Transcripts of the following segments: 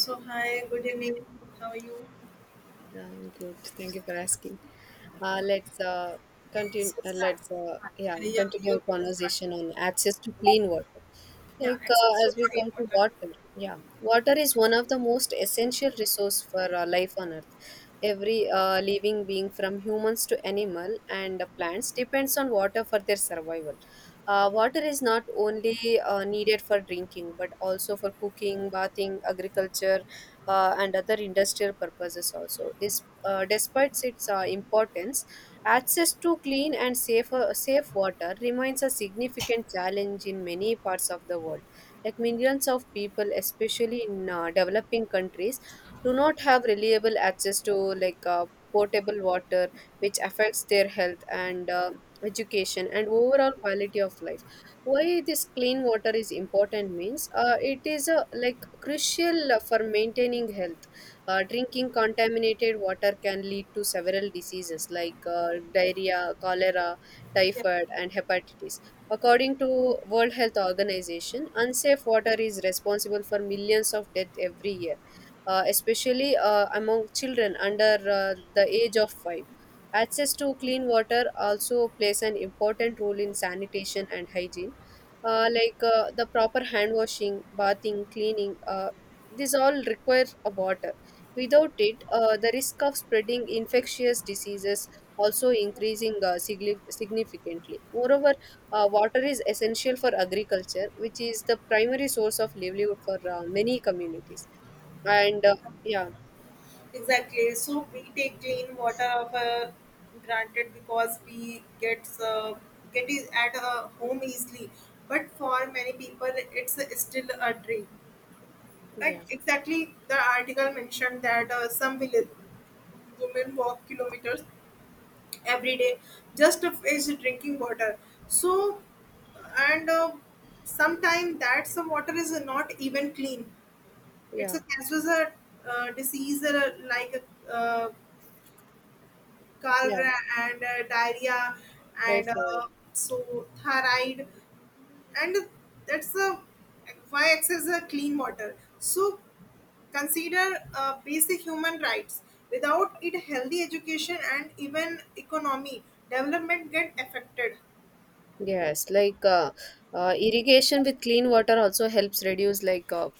So hi, good evening. How are you? Yeah, I'm good. Thank you for asking. Let's continue. So start. Yeah, Continue you our will start. conversation on access to clean water. Yeah, access to As we clean come to water. water, yeah, water is one of the most essential resource for life on Earth. Every living being, from humans to animal and plants, depends on water for their survival. Water is not only needed for drinking, but also for cooking, bathing, agriculture and other industrial purposes also. Despite its importance, access to clean and safe water remains a significant challenge in many parts of the world. Like millions of people, especially in developing countries, do not have reliable access to potable water, which affects their health and education and overall quality of life. Why this clean water is important means it is crucial for maintaining health. Drinking contaminated water can lead to several diseases like diarrhea, cholera, Yeah, typhoid, and hepatitis. According to world health organization, unsafe water is responsible for millions of deaths every year, especially among children under the age of 5. Access to clean water also plays an important role in sanitation and hygiene, the proper hand washing, bathing, cleaning. These all require water. Without it, the risk of spreading infectious diseases also increasing significantly. Moreover, water is essential for agriculture, which is the primary source of livelihood for many communities. And yeah, exactly. So we take clean water of, granted because we get it at home easily. But for many people, it's still a dream. Like yeah, exactly, the article mentioned that some village women walk kilometers every day just of is drinking water, so and sometimes that some water is not even clean. It's yeah, a this was a Disease that, like, uh, yeah. cholera and diarrhea, Right. and so thyroid, and that's a why access a clean water so consider basic human rights. Without it, healthy education and even economy development get affected. Yes, irrigation with clean water also helps reduce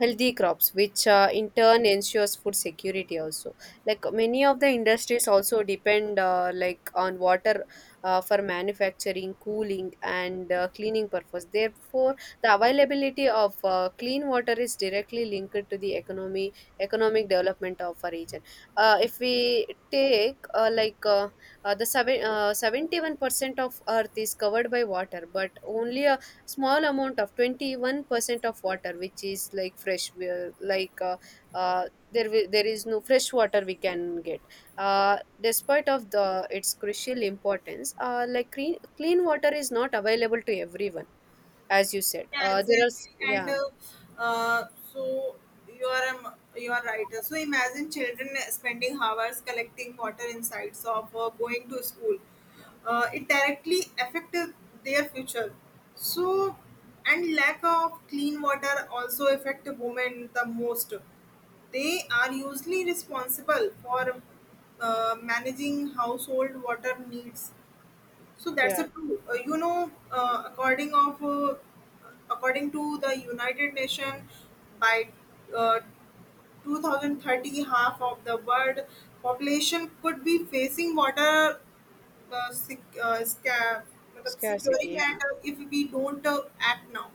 healthy crops, which in turn ensures food security also. Like many of the industries also depend on water for manufacturing, cooling, and cleaning purpose. Therefore, the availability of clean water is directly linked to the economy, economic development of a region. If we take like the seven, 71% of Earth is covered by water, but only a small amount of 21% of water, which is like fresh, we are- like uh, there, wi- there is no fresh water we can get. Uh, despite of the its crucial importance, clean, clean water is not available to everyone, as you said. Yeah, exactly. And yeah. Uh, so you are a you are right. So imagine children spending hours collecting water insides of going to school. It directly affected their future. So, and lack of clean water also affect women the most. They are usually responsible for managing household water needs, so yeah that's a true. You know, according to the United Nation, by uh, 2030, half of the world population could be facing water uh, sec- uh, sca- मतलब scarcity. securing, Yeah. and if we don't act now.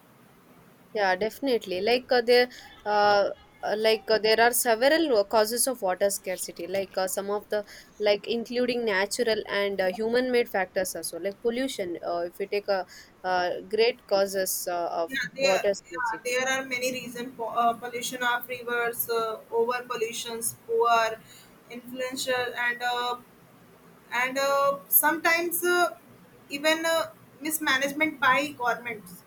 Yeah, definitely. Uh, there are several causes of water scarcity. Some of the like including natural and human-made factors also, like pollution. If you take a great causes of Yeah, there, water yeah, scarcity. there are many reasons. Pollution of rivers, over pollutions, poor, influential, and sometimes even mismanagement by governments.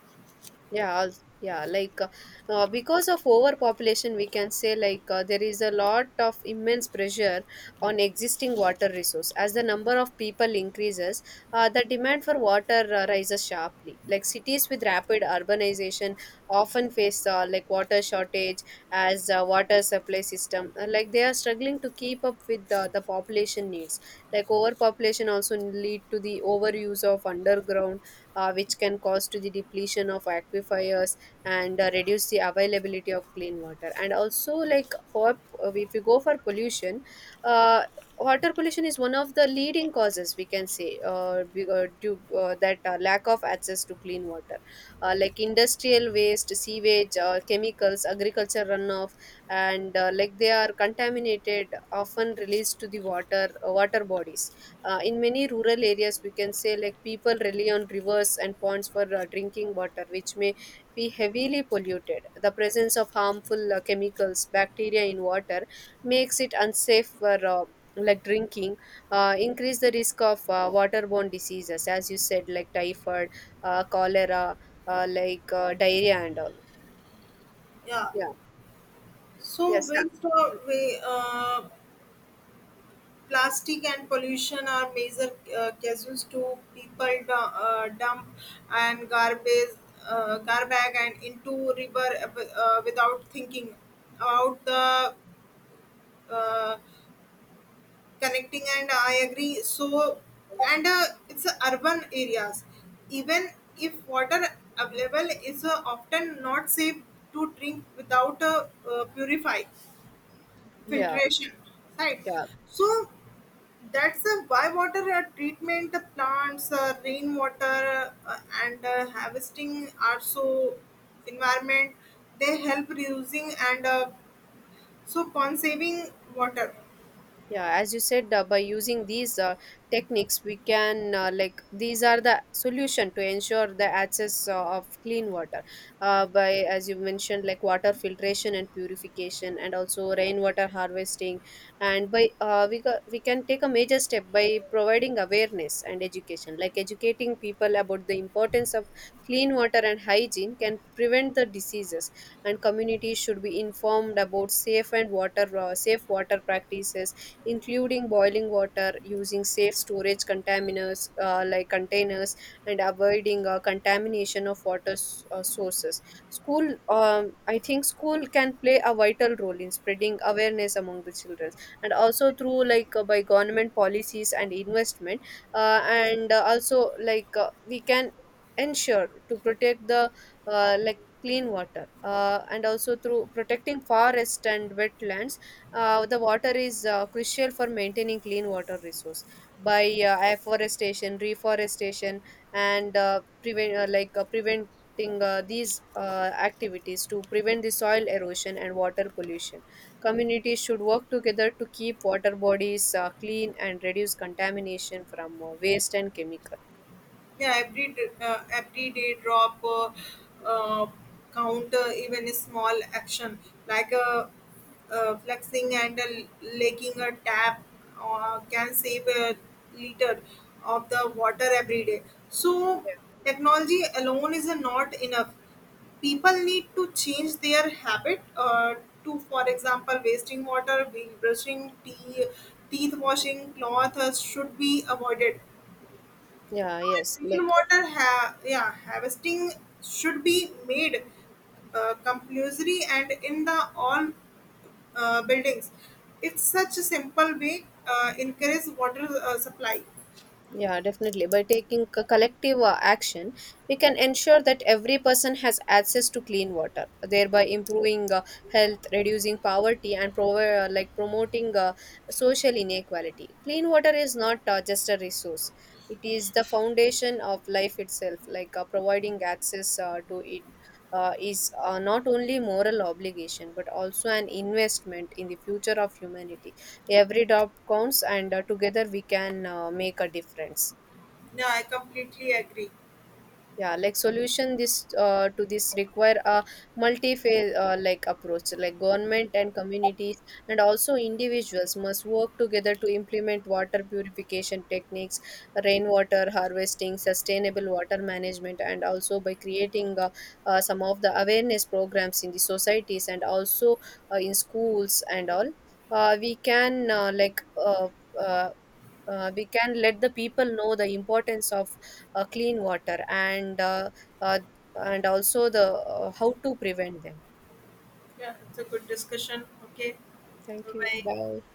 yeah als- yeah like uh, because of overpopulation we can say there is a lot of immense pressure on existing water resource as the number of people increases, the demand for water rises sharply. Like cities with rapid urbanization often face water shortage as water supply system they are struggling to keep up with the population needs. Like overpopulation also lead to the overuse of underground which can cause to the depletion of aquifers, and reduce the availability of clean water. And also like for if you go for pollution, uh, water pollution is one of the leading causes we can say, be- due that lack of access to clean water, industrial waste, sewage, chemicals, agriculture runoff, and they are contaminated often released to the water bodies. In many rural areas we can say like people rely on rivers and ponds for drinking water which may be heavily polluted. The presence of harmful chemicals, bacteria in water makes it unsafe for drinking, increase the risk of waterborne diseases, as you said, like typhoid, cholera, diarrhea, and all. Yeah. Yeah. So Yes. Waste or plastic and pollution are major causes to people dump and garbage, garbage and into river without thinking about the, uh, connecting. And I agree. So, and it's urban areas, even if water available is often not safe to drink without purify yeah filtration, right? yeah So that's why water treatment plants, rainwater, and harvesting are so environment. They help reducing, and so conserving water. yeah as you said, by using these techniques we can, these are the solution to ensure the access of clean water by as you mentioned, like water filtration and purification, and also rainwater harvesting. And by we can take a major step by providing awareness and education, like educating people about the importance of clean water and hygiene can prevent the diseases. And communities should be informed about safe water practices including boiling water, using safe storage containers like containers, and avoiding contamination of sources. School, I think, school can play a vital role in spreading awareness among the children, and also through by government policies and investment, and also like we can ensure to protect the clean water, and also through protecting forest and wetlands. The water is crucial for maintaining clean water resource by afforestation, reforestation, and preventing these activities to prevent the soil erosion and water pollution. Communities should work together to keep water bodies clean and reduce contamination from waste and chemical. Every day drop uh, count, even a small action, like, flexing and, licking a tap can save a liter of the water every day. So technology alone is not enough. People need to change their habit, to, for example, wasting water, brushing tea, teeth washing, cloth should be avoided. yeah yes like Rainwater harvesting should be made compulsory and in the all buildings. It's such a simple way encourage water supply. Yeah, definitely. By taking collective action, we can ensure that every person has access to clean water, thereby improving health, reducing poverty, and promoting social inequality. Clean water is not just a resource; it is the foundation of life itself. Providing access to it is not only moral obligation but also an investment in the future of humanity. Every drop counts, and together we can make a difference. Yeah, I completely agree. Solution this to this require a multi-phase approach. Like government and communities and also individuals must work together to implement water purification techniques, rainwater harvesting, sustainable water management, and also by creating some of the awareness programs in the societies and also in schools and all. We can, uh, we can let the people know the importance of clean water and uh, and also the how to prevent them. Yeah, it's a good discussion. Okay, Thank bye you. bye. Bye.